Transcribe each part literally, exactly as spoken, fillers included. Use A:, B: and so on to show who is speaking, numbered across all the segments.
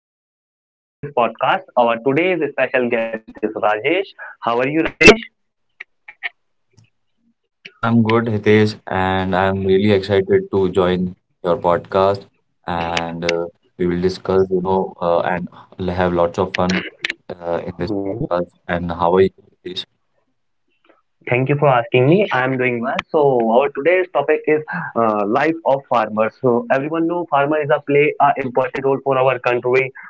A: Hitesh. I am the host of this podcast. Our today's special guest is Rajesh. How are you, Rajesh?
B: I'm good, Hitesh, and I'm really excited to join your podcast. And uh, we will discuss, you uh, and l- have lots of fun uh, in this
A: Hmm.
B: podcast. And how are you, Hitesh?
A: Thank you for asking me. I am doing well. So our today's topic is uh, life of farmers. So everyone know farmer is a play a important role for our country.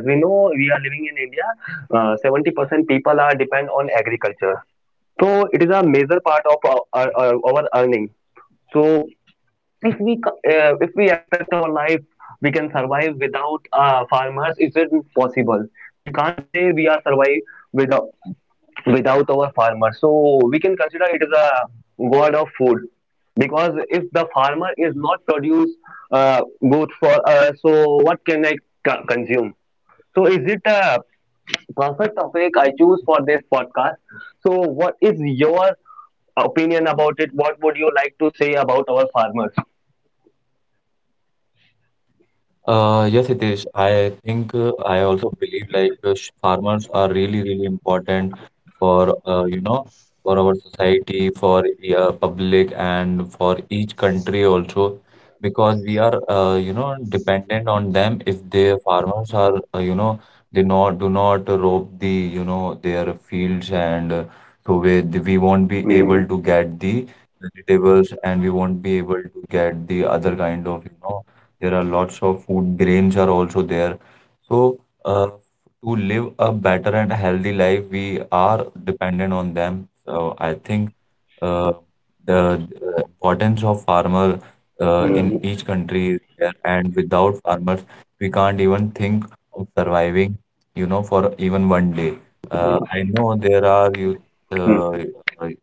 A: We know, we are living in India. Uh, seventy percent people are depend on agriculture. So it is a major part of our, our, our earning. So if we co- uh, if we expect our life, we can survive without uh, farmers, is it possible? We can't say we are survive without without our farmers, so we can consider it as a god of food. Because if the farmer is not produce uh, good for us, so what can i co- consume? So is it a perfect topic I choose for this podcast? So what is your opinion about it? What would you like to say about our farmers?
B: Uh, yes, it is. I think uh, I also believe like uh, sh- farmers are really, really important for uh, you know for our society, for the uh, public, and for each country also, because we are uh, you know dependent on them. If their farmers are uh, you know they not do not rob the you know their fields, and uh, so we we won't be able to get the vegetables, and we won't be able to get the other kind of you know there are lots of food, grains are also there. So, uh, to live a better and healthy life, we are dependent on them. So, I think uh, the uh, importance of farmer uh, in each country is there, and without farmers, we can't even think of surviving, you know, for even one day. Uh, I know there are you uh,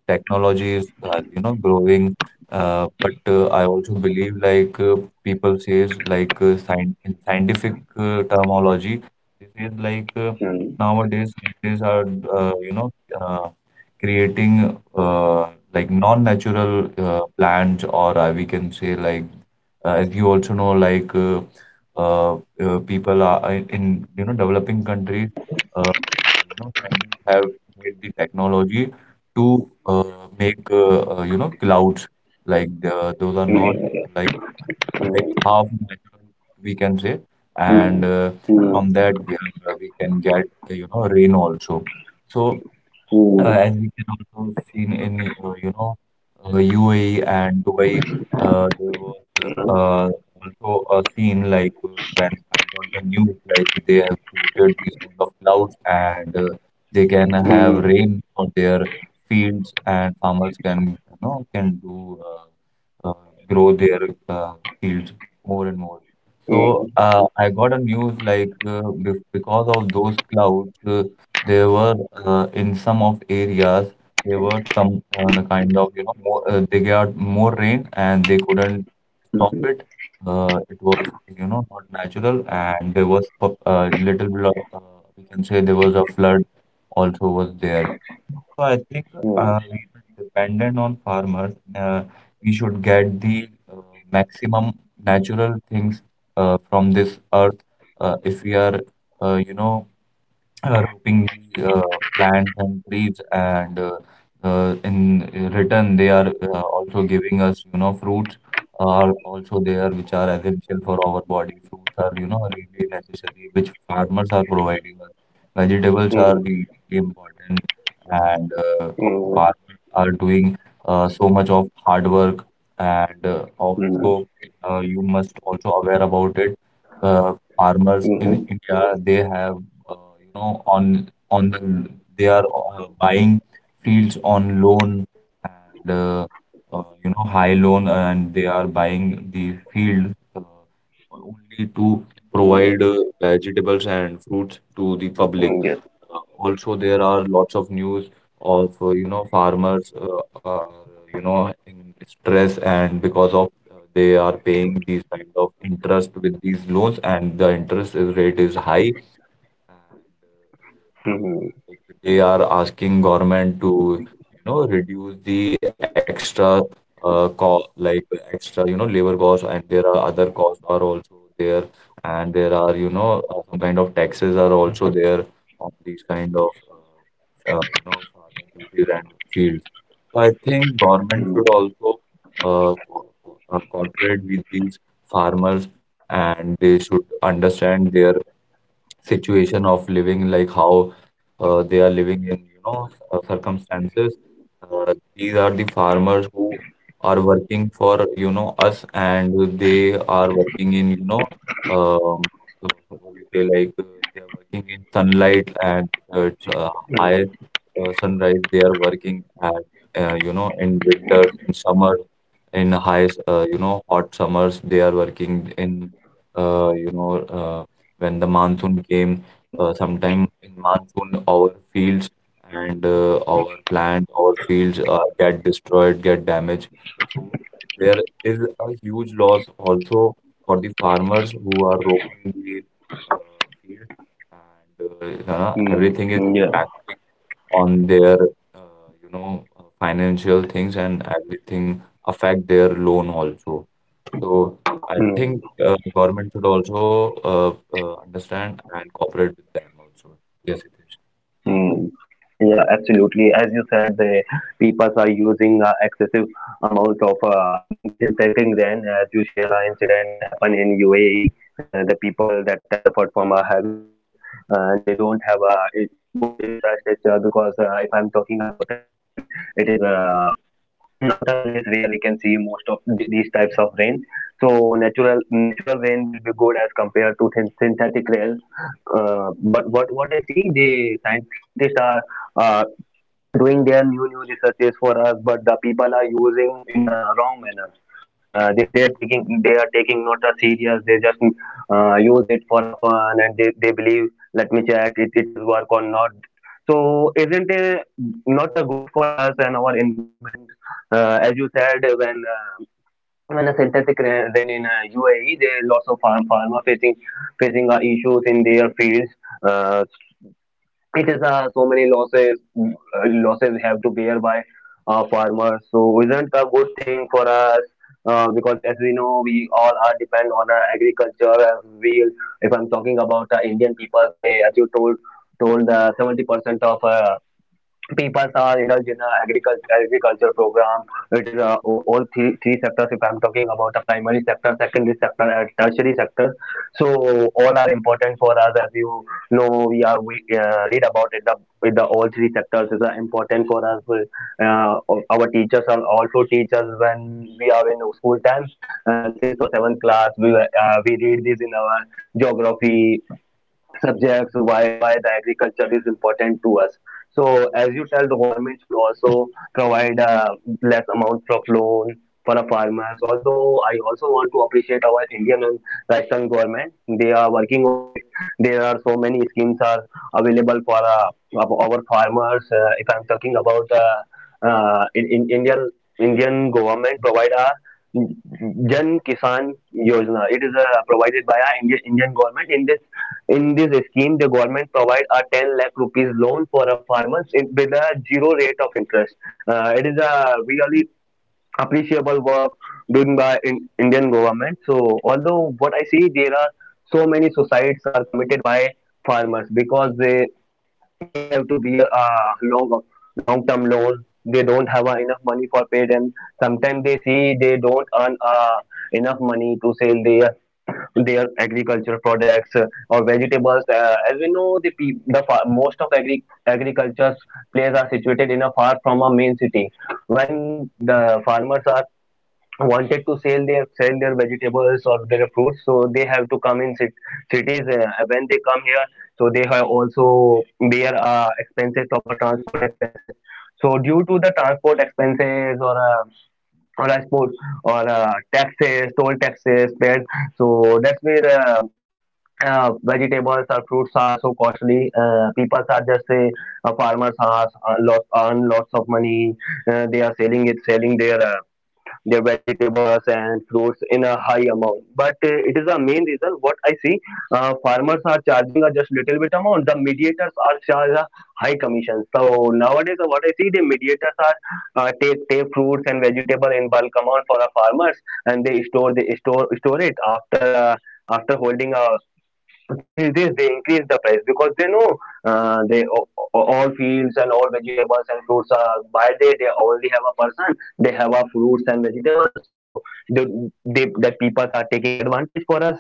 B: uh, technologies, uh, you know, growing, uh, but uh, I also believe like uh, people says like uh, sci in scientific uh, terminology, this is like uh, nowadays scientists are uh, you know uh, creating uh, like non-natural uh, plants, or uh, we can say like uh, as you also know, like uh, uh, uh, people you know developing countries, uh, uh, you know, scientists have made the technology to uh, make uh, uh, you know clouds like the, those are not like like half natural we can say, and uh, from that we, are- we can get uh, you know rain also. So uh, as we can also seen in uh, you know uh, U A E and Dubai, uh, there was uh, also a scene like uh, when I got the news like they have created these kind of clouds and uh, they can have rain on their fields and farmers can you know can do uh, uh, grow their uh, fields more and more. So uh, I got a news like uh, bef- because of those clouds. Uh, there were uh, in some of areas there were some uh, the kind of you know more uh, they got more rain and they couldn't stop it. Uh, it was you know not natural and there was a uh, little bit of uh, we can say there was a flood also was there. So I think uh, we are dependent on farmers. Uh, we should get the uh, maximum natural things uh, from this earth uh, if we are uh, you know uh, roping the uh, plants and trees and uh, uh, in return they are uh, also giving us you know fruits are also there which are essential for our body fruits are you know really necessary which farmers are providing us vegetables are really important and uh, our farmers are doing uh, so much of hard work and uh, also uh, you must also aware about it uh, farmers in India, they have, uh, you know, on on the they are uh, buying fields on loan and uh, uh, you know high loan, and they are buying the field uh, only to provide uh, vegetables and fruits to the public. Uh, also, there are lots of news of uh, you know farmers uh, are you know in stress and because of uh, they are paying these kind of interest with these loans and the interest is rate is high and uh, uh, like they are asking government to you know reduce the extra uh, cost like extra you know labor cost and there are other costs are also there and there are you know uh, some kind of taxes are also there on these kind of uh, uh, you know farmer duties and fields. So I think government should also uh, co- co- uh, cooperate with these farmers and they should understand their situation of living, like how uh, they are living in, you know, uh, circumstances. Uh, these are the farmers who are working for, you know, us and they are working in, you know, um, uh, what do you say, like uh, they are working in sunlight and uh, it's uh, high uh, sunrise. They are working at, uh, you know, in winters, in summer, in high, uh, you know, hot summers. They are working in, uh, you know, uh, when the monsoon came, uh, sometime in monsoon our fields and uh, our plant, our fields uh, get destroyed, get damaged. So there is a huge loss also for the farmers who are roaming the uh, field and uh, you know, everything is impacting on their uh, you know uh, financial things and everything affect their loan also. So I think uh, government should also uh, uh, understand and cooperate with them also. Yes, Hitesh.
A: Hmm. Yeah, absolutely. As you said, the people are using uh, excessive amount of uh, syn- synthetic. Then, as you share, an incident happened in U A E. Uh, the people that time suffered from a heavy flood, uh, and they don't have a good, good infrastructure. Because uh, if I'm talking about a U A E, it is uh, not a place where we can see most of th- these types of rain. So natural natural rain will be good as compared to thin- synthetic rain. Uh, what what what I see, the scien- scientists are uh, doing their new new researches for us, but the people are using in a wrong manner. Uh, they, they are taking they are taking not a serious. They just uh, use it for a fun, and they, they believe. Let me check it, it is work or not. So isn't it not a good for us and our environment? Uh, as you said, when uh, when a synthetic ra- rain in uh, U A E, there are lots of farm farmer facing facing uh, issues in their fields. Uh, it is uh, so many losses. Mm, uh, losses have to bear by uh, farmers, so isn't a good thing for us. Uh, because as we know, we all are depend on uh, agriculture. Uh, we, if I'm talking about uh, indian people, they, as you told told uh, seventy percent of uh, people are indulged in a agriculture agriculture program. It is uh, all, all three three sectors. If I'm talking about the primary sector, secondary sector, and tertiary sector, so all are important for us. As you know, we are we uh, read about it. The with the all three sectors is uh, important for us. Uh, our teachers are also teachers when we are in school time and sixth or seventh class. We were- uh, we read this in our geography subjects, why why the agriculture is important to us. So as you tell, the government should also provide uh, less amount of loan for the farmers. Although I also want to appreciate our Indian and Rajasthan government, they are working on it. There are so many schemes are available for uh, our our farmers. Uh, if I'm talking about uh, uh, in, in Indian Indian government provide a Jan Kisan Yojana. It is uh, provided by our Indian, Indian government. In this, in this scheme, the government provide a ten lakh rupees loan for a farmer with a zero rate of interest. Uh, it is a really appreciable work done by in, Indian government. So although what I see, there are so many suicides are committed by farmers because they they have to bear a long long term loan. They don't have uh, enough money for pay them. Sometimes they see they don't earn uh, enough money to sell their their agricultural products uh, or vegetables. Uh, as we know, the pe- the fa- most of agri- agriculture places are situated in a far from a main city. When the farmers are wanted to sell their sell their vegetables or their fruits, so they have to come in cit- cities. Uh, when they come here, so they have also their uh, expenses of a transport expenses. So due to the transport expenses, or uh, or I suppose, or uh, taxes, toll taxes paid. So that's where uh, uh, vegetables or fruits are so costly. Uh, people are just say, uh, farmers are uh, lots earn lots of money. Uh, they are selling it, selling their uh, their vegetables and fruits in a high amount. But uh, it is a main reason what I see. Uh, farmers are charging a just little bit amount. The mediators are charged a high commission. So nowadays, uh, what I see, the mediators are uh, take take fruits and vegetable in bulk amount for the farmers, and they store they store store it after. Uh, after holding a two three days, they increase the price because they know uh, they all fields and all vegetables and fruits are by day, they only have a person, they have a fruits and vegetables. So the, they, the people are taking advantage for us,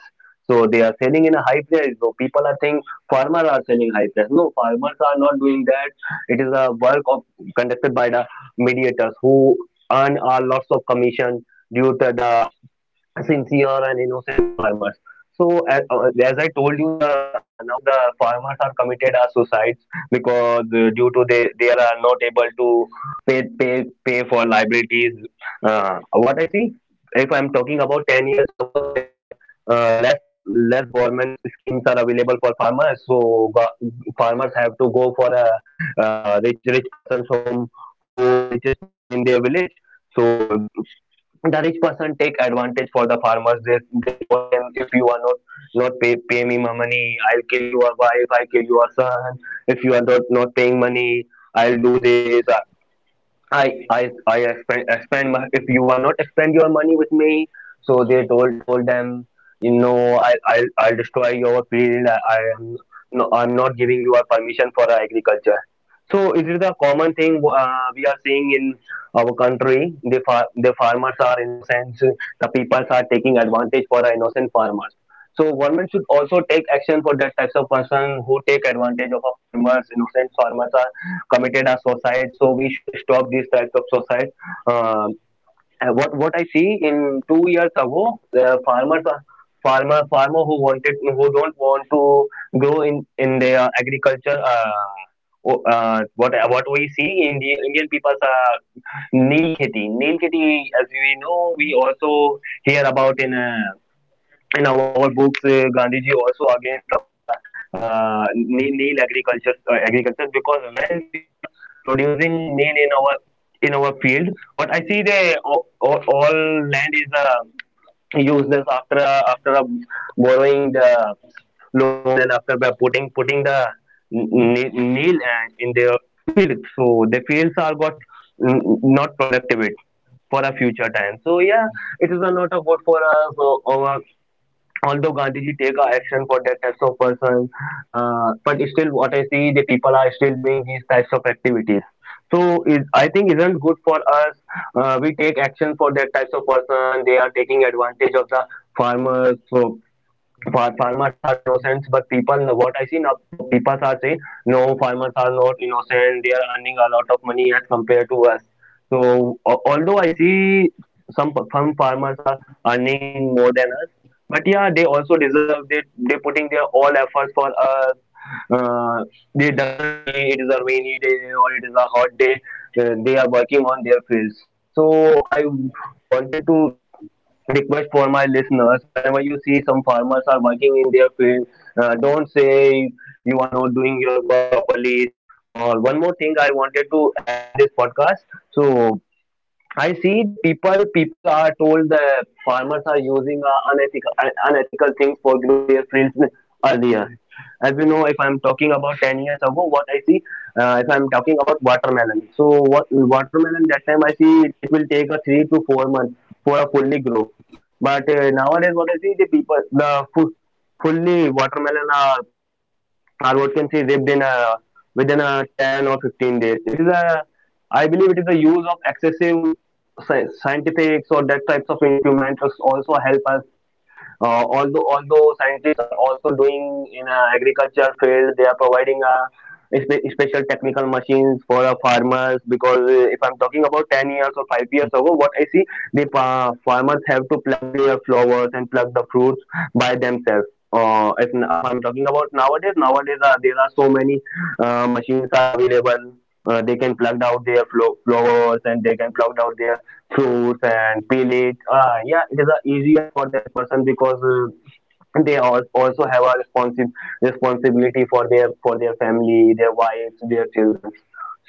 A: so they are selling in a high price. So people are saying farmers are selling high price. No, farmers are not doing that. It is a work of conducted by the mediators who earn a lots of commission due to the sincere and innocent farmers. So as, uh, as I told you, the nowadays the farmers are committed as suicides because uh, due to they they are not able to pay pay pay for liabilities. Uh, what I see, if I'm talking about ten years ago, there are uh, less up- less government schemes are available for farmers. So go- farmers have to go for a uh, rich rich person's home who are richest person in their village. So the rich person take advantage for the farmers. They they told him, if you are not not pay, pay me my money, I'll kill your wife, I kill your son. If you are not, not paying money, I'll do this. I I I expend expend my, if you are not expend your money with me. So they told told them, you know, I I'll, I'll destroy your field. I, I am no, I'm not giving you a permission for our agriculture. So it is a common thing uh, we are seeing in our country. The far, the farmers are innocent. The people are taking advantage for the innocent farmers. So government should also take action for that types of person who take advantage of a farmers. Innocent farmers committed a suicide. So we should stop these types of suicide. Uh, and what what I see in two years ago, the farmers are farmer farmer who wanted who don't want to grow in in their agriculture. Uh, o- uh, what what we see in the Indian people's uh, Neel Kheti. Neel Kheti, as we know, we also hear about in uh, in our, our books. Uh, Gandhiji also against of the uh, nil nil agriculture uh, agriculture. Because when we are producing nil in our in our field, what I see, they all, all land is uh, useless after uh, after uh, borrowing the loan and after by putting putting the nil nil and in their field. So the fields are got mm, not productive it for a future time. So yeah, it is a not a good for us. Or although Gandhiji take action for that types of person, uh, but still what I see, the people are still doing these types of activities. So is, I think, isn't good for us. Uh, we take action for that types of person. They are taking advantage of the farmers. So far- farmers are innocent, but people, what I see now, people are saying, no, farmers are not innocent. They are earning a lot of money as compared to us. So, a- although I see some some farmers are earning more than us, but yeah, they also deserve. They they putting their all efforts for us. Uh, they doesn't see it is a rainy day or it is a hot day. Uh, they are working on their fields. So I wanted to a request for my listeners, whenever you see some farmers are working in their field, uh, don't say you are not doing your work properly. Or one more thing I wanted to add in this podcast. So I see the people. People are told the farmers are using uh, unethical un- unethical things for grow their fields earlier. As we know, if I'm talking about ten years ago, what I see, uh, if I'm talking about watermelon, so what watermelon that time I see it, it will take a three to four months for a fully grow. But uh, nowadays, what I see the people the fu- fully watermelon are our what can see ripped in a within a ten or fifteen days. It is a I believe it is the use of excessive scientifics or that types of instruments also help us uh, although although scientists are also doing in uh, agriculture field. They are providing a spe- special technical machines for uh, farmers, because uh, if I'm talking about ten years or five years ago, what I see, the pa- farmers have to pluck their flowers and pluck the fruits by themselves. Uh, if, if I'm talking about nowadays, nowadays uh, there are so many uh, machines are available. Uh, they can pluck out their flo- flowers, and they can pluck out their fruits and peel it. Uh, yeah, it is uh, easier for that person, because uh, they al- also have a responsi- responsibility for their for their family, their wives, their children.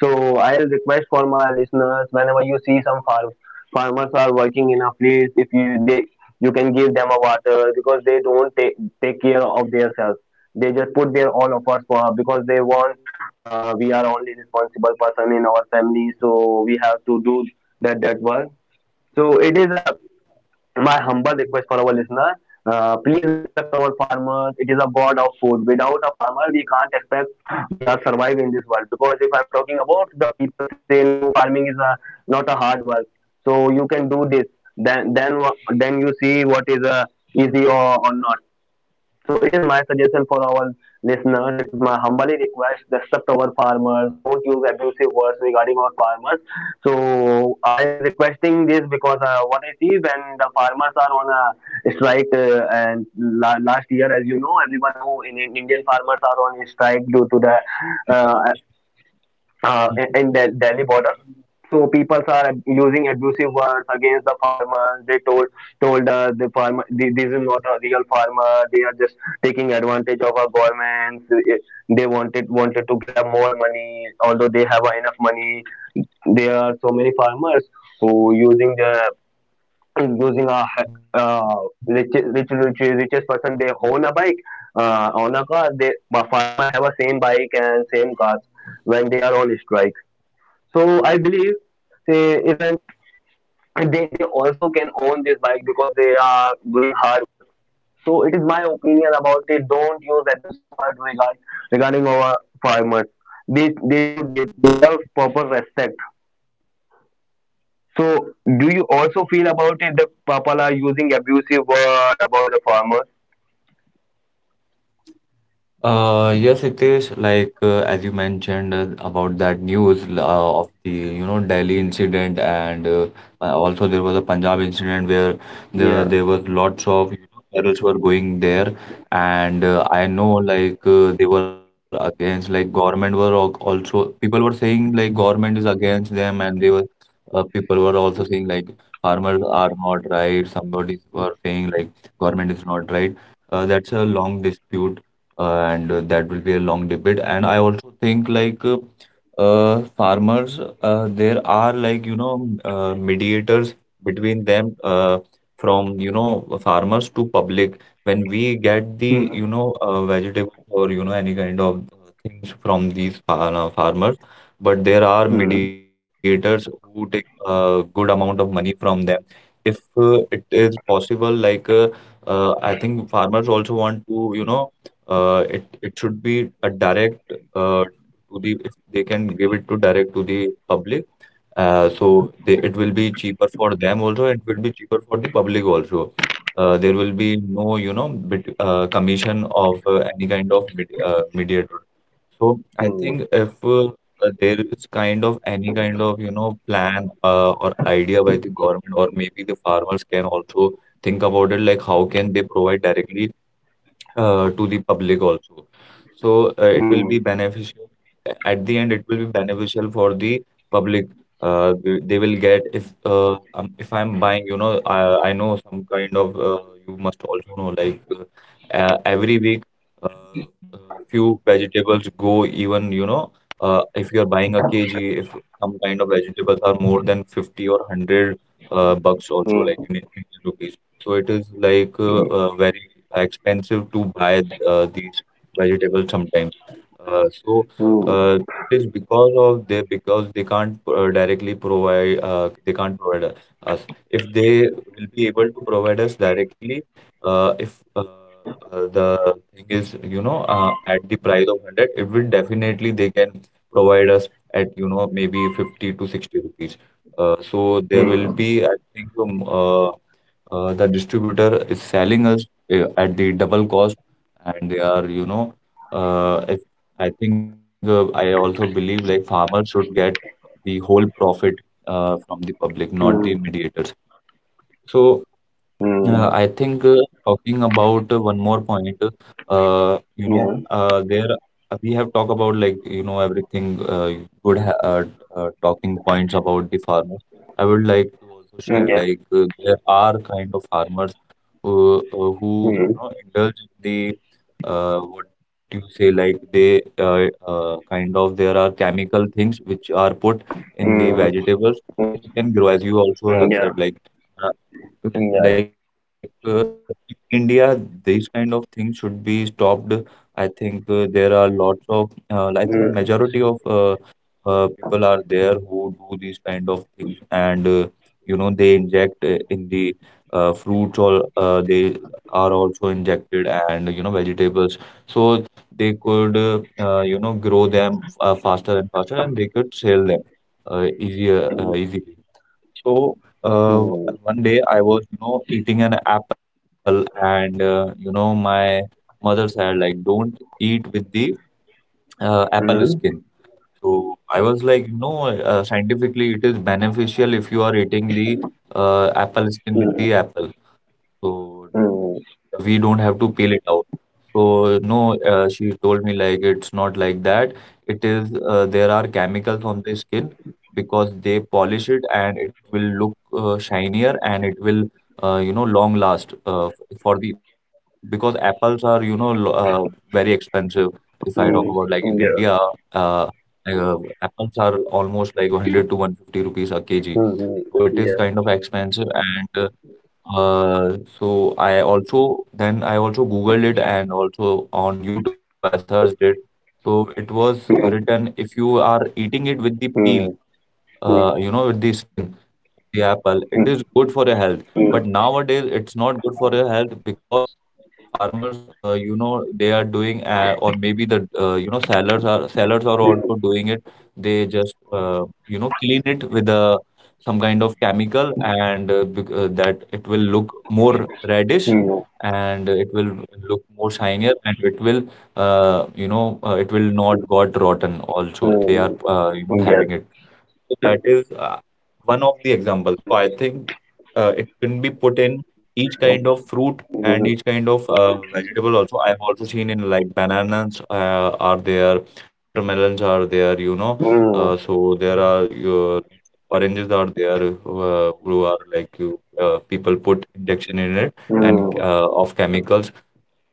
A: So I'll request for my listeners, whenever you see some farm farmers are working in a place, if you they you can give them a water, because they don't take take care of themselves. They just put their all efforts for because they want. Uh, we are only responsible person in our family, so we have to do that that work, so it is a my humble request for our listener. Uh, please respect our farmers. It is a god of food. Without a farmer, we can't expect we are survive in this world. Because if I'm talking about the people say no, farming is a, not a hard work. So you can do this. Then then wha- then you see what is a easy or, or not. So it is my suggestion for our listeners. It is my humbly request: respect our farmers. Don't use abusive words regarding our farmers. So I'll requesting this because uh, what I see when the farmers are on a strike, uh, and la- last year, as you know, everyone know in, in Indian farmers are on a strike due to the
B: Okay.
A: uh, uh, in the Delhi border. So people are using abusive words against the farmers. They told told us the farmer, thi- this is not a real farmer, they are just taking advantage of our government. They wanted wanted to grab more money, although they have enough money. There are so many farmers who using the using a uh, rich, rich, rich, richest person, they own a bike, uh, own a car. They a farmer have a same bike and same cars when they are on strike. So I believe, say, isn't they they also can own this bike because they are doing hard work. So it is my opinion about it. Don't use abusive words regard, regarding our farmers. They they should de- deserve proper respect. So do you also feel about it that people are using abusive word about the farmers?
B: Uh, yes, it is like uh, as you mentioned uh, about that news uh, of the you know Delhi incident, and uh, uh, also there was a Punjab incident where the,
A: Yeah.
B: there was lots of you know, terrorists were going there, and uh, I know like uh, they were against like government were al- also people were saying like government is against them, and they were uh, people were also saying like farmers are not right. Somebody were saying like government is not right. Uh, that's a long dispute uh, and uh, that will be a long debate. And I also think like uh, uh, farmers, uh, there are like you know m- uh, mediators between them uh, from you know farmers to public. When we the you
A: Hmm.
B: know uh, vegetables or you know any kind of things from these far uh, farmers, but there are
A: Hmm.
B: mediators who take a good amount of money from them. If uh, it is possible, like uh, uh, I think farmers also want to you know uh, it it should be a direct uh, to the if they can give it to direct to the public. Uh, so they it will be cheaper for them also. It will be cheaper for the public also. Uh, there will be no you know bit, uh, commission of uh, any kind of medi uh, mediator. So I
A: Hmm.
B: think if uh, uh, there is kind any kind of you know plan uh, or idea by the government or maybe the farmers can also think about it like how can they provide directly uh, to the public also. So uh, it will be
A: Hmm.
B: beneficial. At the end, it will be beneficial for the public. Uh, they they will get if uh, um, if I'm buying, you know, I, I know some kind of uh, you must also know like uh, uh, every week uh, uh, vegetables go even you know uh, if you are buying a kg if some kind of vegetables are more than fifty or one hundred uh, bucks also like in
A: Hmm.
B: Indian rupees so it is like uh, uh, very expensive to buy uh, these vegetables sometimes. Uh, so
A: Hmm.
B: uh, it is because of they because they can't uh, directly provide uh, they can't provide u- us. If they will be able to provide us directly, uh, if uh, uh, the thing is you know uh, at the price of one hundred, it will definitely they can provide us at you know maybe fifty to sixty rupees. Uh, so there will
A: Hmm.
B: be I think um, uh, uh, the distributor is selling us uh, at the double cost and they are you know uh, if I think uh, I also believe like farmers should get the whole profit uh, from the public not the
A: Hmm.
B: mediators so uh, I
A: Hmm.
B: think uh, talking about uh, one more point, uh, you know,
A: Yeah.
B: uh, there uh, we have talked about like, you know, everything uh, good ha uh, uh, talking points about the farmers. I would like to also share
A: Yeah.
B: like uh, there are kind of farmers who, uh, who you
A: Hmm.
B: know indulge in the uh, what do you say like they uh, uh, kind of there are chemical things which are put in the
A: Hmm.
B: vegetables
A: Hmm.
B: You can grow as you also have
A: Yeah.
B: said like. uh,
A: Yeah.
B: like uh, in India, these kind of things should be stopped. I think uh, there are lots of, uh, I think
A: Mm,
B: majority of uh, uh, people are there who do these kind of things, and uh, you know they inject uh, in the uh, fruits or uh, they are also injected, and you know vegetables, so they could uh, uh, you know grow them uh, faster and faster, and they could sell them uh, easier
A: mm,
B: uh, easily. So, uh,
A: mm,
B: one day I was, you know, eating an apple, and uh, you know, my mother said, like, don't eat with the uh, apple
A: mm,
B: skin. So I was like, no, uh, scientifically it is beneficial if you are eating the uh, apple skin with the apple. So we
A: mm,
B: don't have to peel it out. So no, uh, she told me like it's not like that. It is uh, there are chemicals on the skin because they polish it and it will look uh, shinier and it will uh, you know long last uh, f- for the because apples are you know lo- uh, very expensive.
A: mm,
B: If I
A: mm,
B: talk
A: yeah.
B: about like in India, uh, like, uh, apples are almost like one hundred to one hundred fifty rupees a
A: Mhm.
B: kg.
A: Yes.
B: So it is kind of expensive and uh, so I also then I also Googled it and also on YouTube I searched it. So it was
A: Mm,
B: written if you are eating it with the peel,
A: mm, mm,
B: uh, you know, with the skin, the apple, it is good for your health.
A: mm,
B: But nowadays it's not good for your health because farmers uh, you know they are doing uh, or maybe the uh, you know sellers are sellers are also doing it they just uh, you know clean it with a some kind of chemical and uh, bec- uh, that it will look more reddish
A: mm,
B: and it will look more shinier and it will uh, you know uh, it will not got rotten also if
A: mm,
B: they are
A: mm,
B: uh,
A: yes.
B: you know having it that is uh, one of the examples. So I think uh, it can be put in each
A: Mm,
B: kind of fruit and each kind of uh, vegetable also. I've also seen in like bananas uh, are there, watermelons are there, you know.
A: mm,
B: Uh, so there are your oranges are there uh, who are like you uh, people put injection in it and
A: mm,
B: uh, of chemicals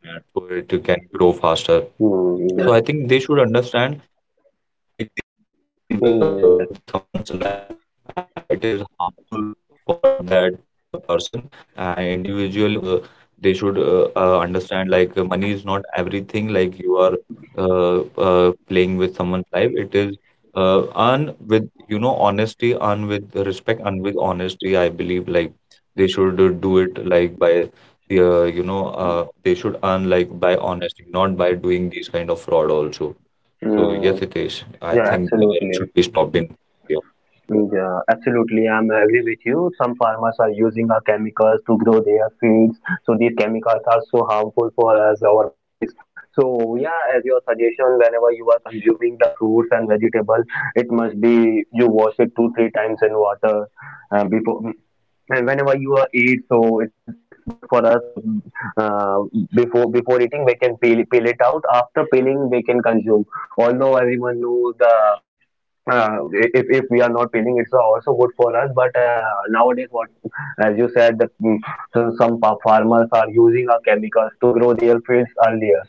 B: uh, so it can grow faster.
A: mm,
B: So
A: yes.
B: I think they should understand like they are playing uh, with
A: Mm,
B: someone's
A: yes.
B: life and it is harmful for that per person and individually on the they should uh, uh, understand like uh, money is not everything like you are uh, uh, playing with someone's life it is uh, earn with you know honesty earn with respect and with honesty I believe like they should uh, do it like by uh, you know, uh, they should earn like by honesty, not by doing these kind of fraud also.
A: Mm,
B: So yes, Hitesh,
A: yeah,
B: I think uh,
A: absolutely.
B: it should be stopped in India.
A: Yeah, absolutely. I'm agree with you. Some farmers are using our chemicals to grow their fields. So these chemicals are so harmful for us, our bodies. So yeah, as your suggestion, whenever you are consuming the fruits and vegetables, it must be you wash it two, three times in water uh, before. And whenever you are eat, so it is it's good for us. So, Uh, before before eating, we can peel peel it out. After peeling, we can consume. Although everyone knows the uh, if if we are not peeling, it's also good for us. But uh, nowadays, what as you said, that mm, so some pa- farmers are using our chemicals to grow their fields earlier.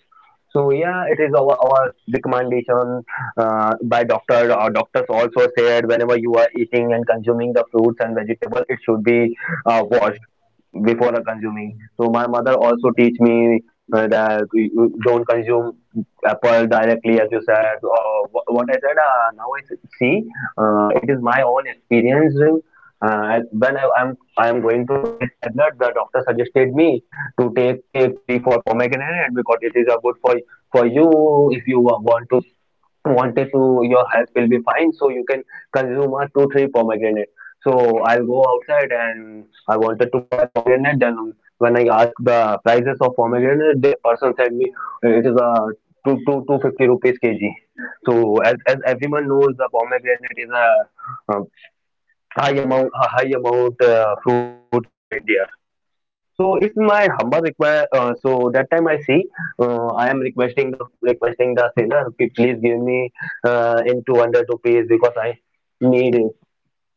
A: So yeah, it is our, our recommendation uh, by doctor. Our doctors also said whenever you are eating and consuming the fruits and vegetables, it should be uh, washed before consuming. So my mother also teach me uh, that you- you don't consume apple directly, as you said. Or wh- what I said uh, now I s- see, uh, it is my own experience. Uh, when I, I'm I am going to donate my blood, the doctor suggested me to take take three four pomegranate, because it is a good for for you. If you wa- want to wanted to, your health will be fine, so you can consume a two three pomegranate. So I'll go outside and I wanted to buy pomegranate. Then when I asked the prices of pomegranate, the person said me, "Uh, it is a two two two fifty rupees kg." So as, as everyone knows, the pomegranate is a, um high amount a high amount uh, fruit in our India. So it's my humble request. Uh, so that time I see, uh, I am requesting the requesting the seller, "P- Please give me uh, in two hundred rupees because I need."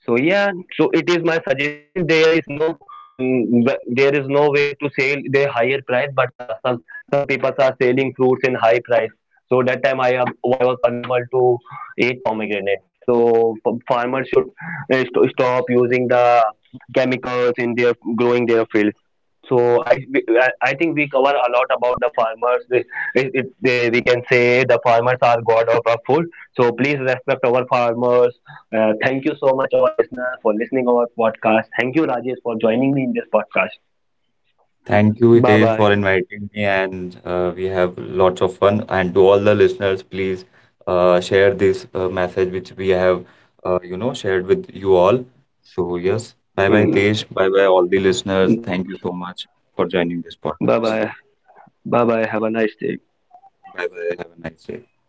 A: So yeah, so it is my suggestion. There is no, mm, w- there is no way to sell the higher price, but uh, some some people are selling fruits in high price. So that time I am I was unable to eat pomegranate. So f- farmers should uh, st- stop using the chemicals in their growing their fields. So I we- I I think we cover a lot about the farmers. They, it, it, they, we can say the farmers are god of our food. So please respect our farmers. Uh, thank you so much, our listener, for listening our podcast. Thank you, Rajesh, for joining me in this podcast.
B: Thank you,
A: Bye
B: Hitesh, for
A: bye.
B: inviting me, and uh, we have lots of fun. And to all the listeners, please uh, share this uh, message which we have, uh, you know, shared with you all. So yes, bye bye,
A: Mm.
B: Hitesh. Bye bye, all the listeners. Thank you so much for joining this
A: Bye
B: podcast.
A: bye. Bye bye. Have a nice day.
B: Bye bye. Have a nice day.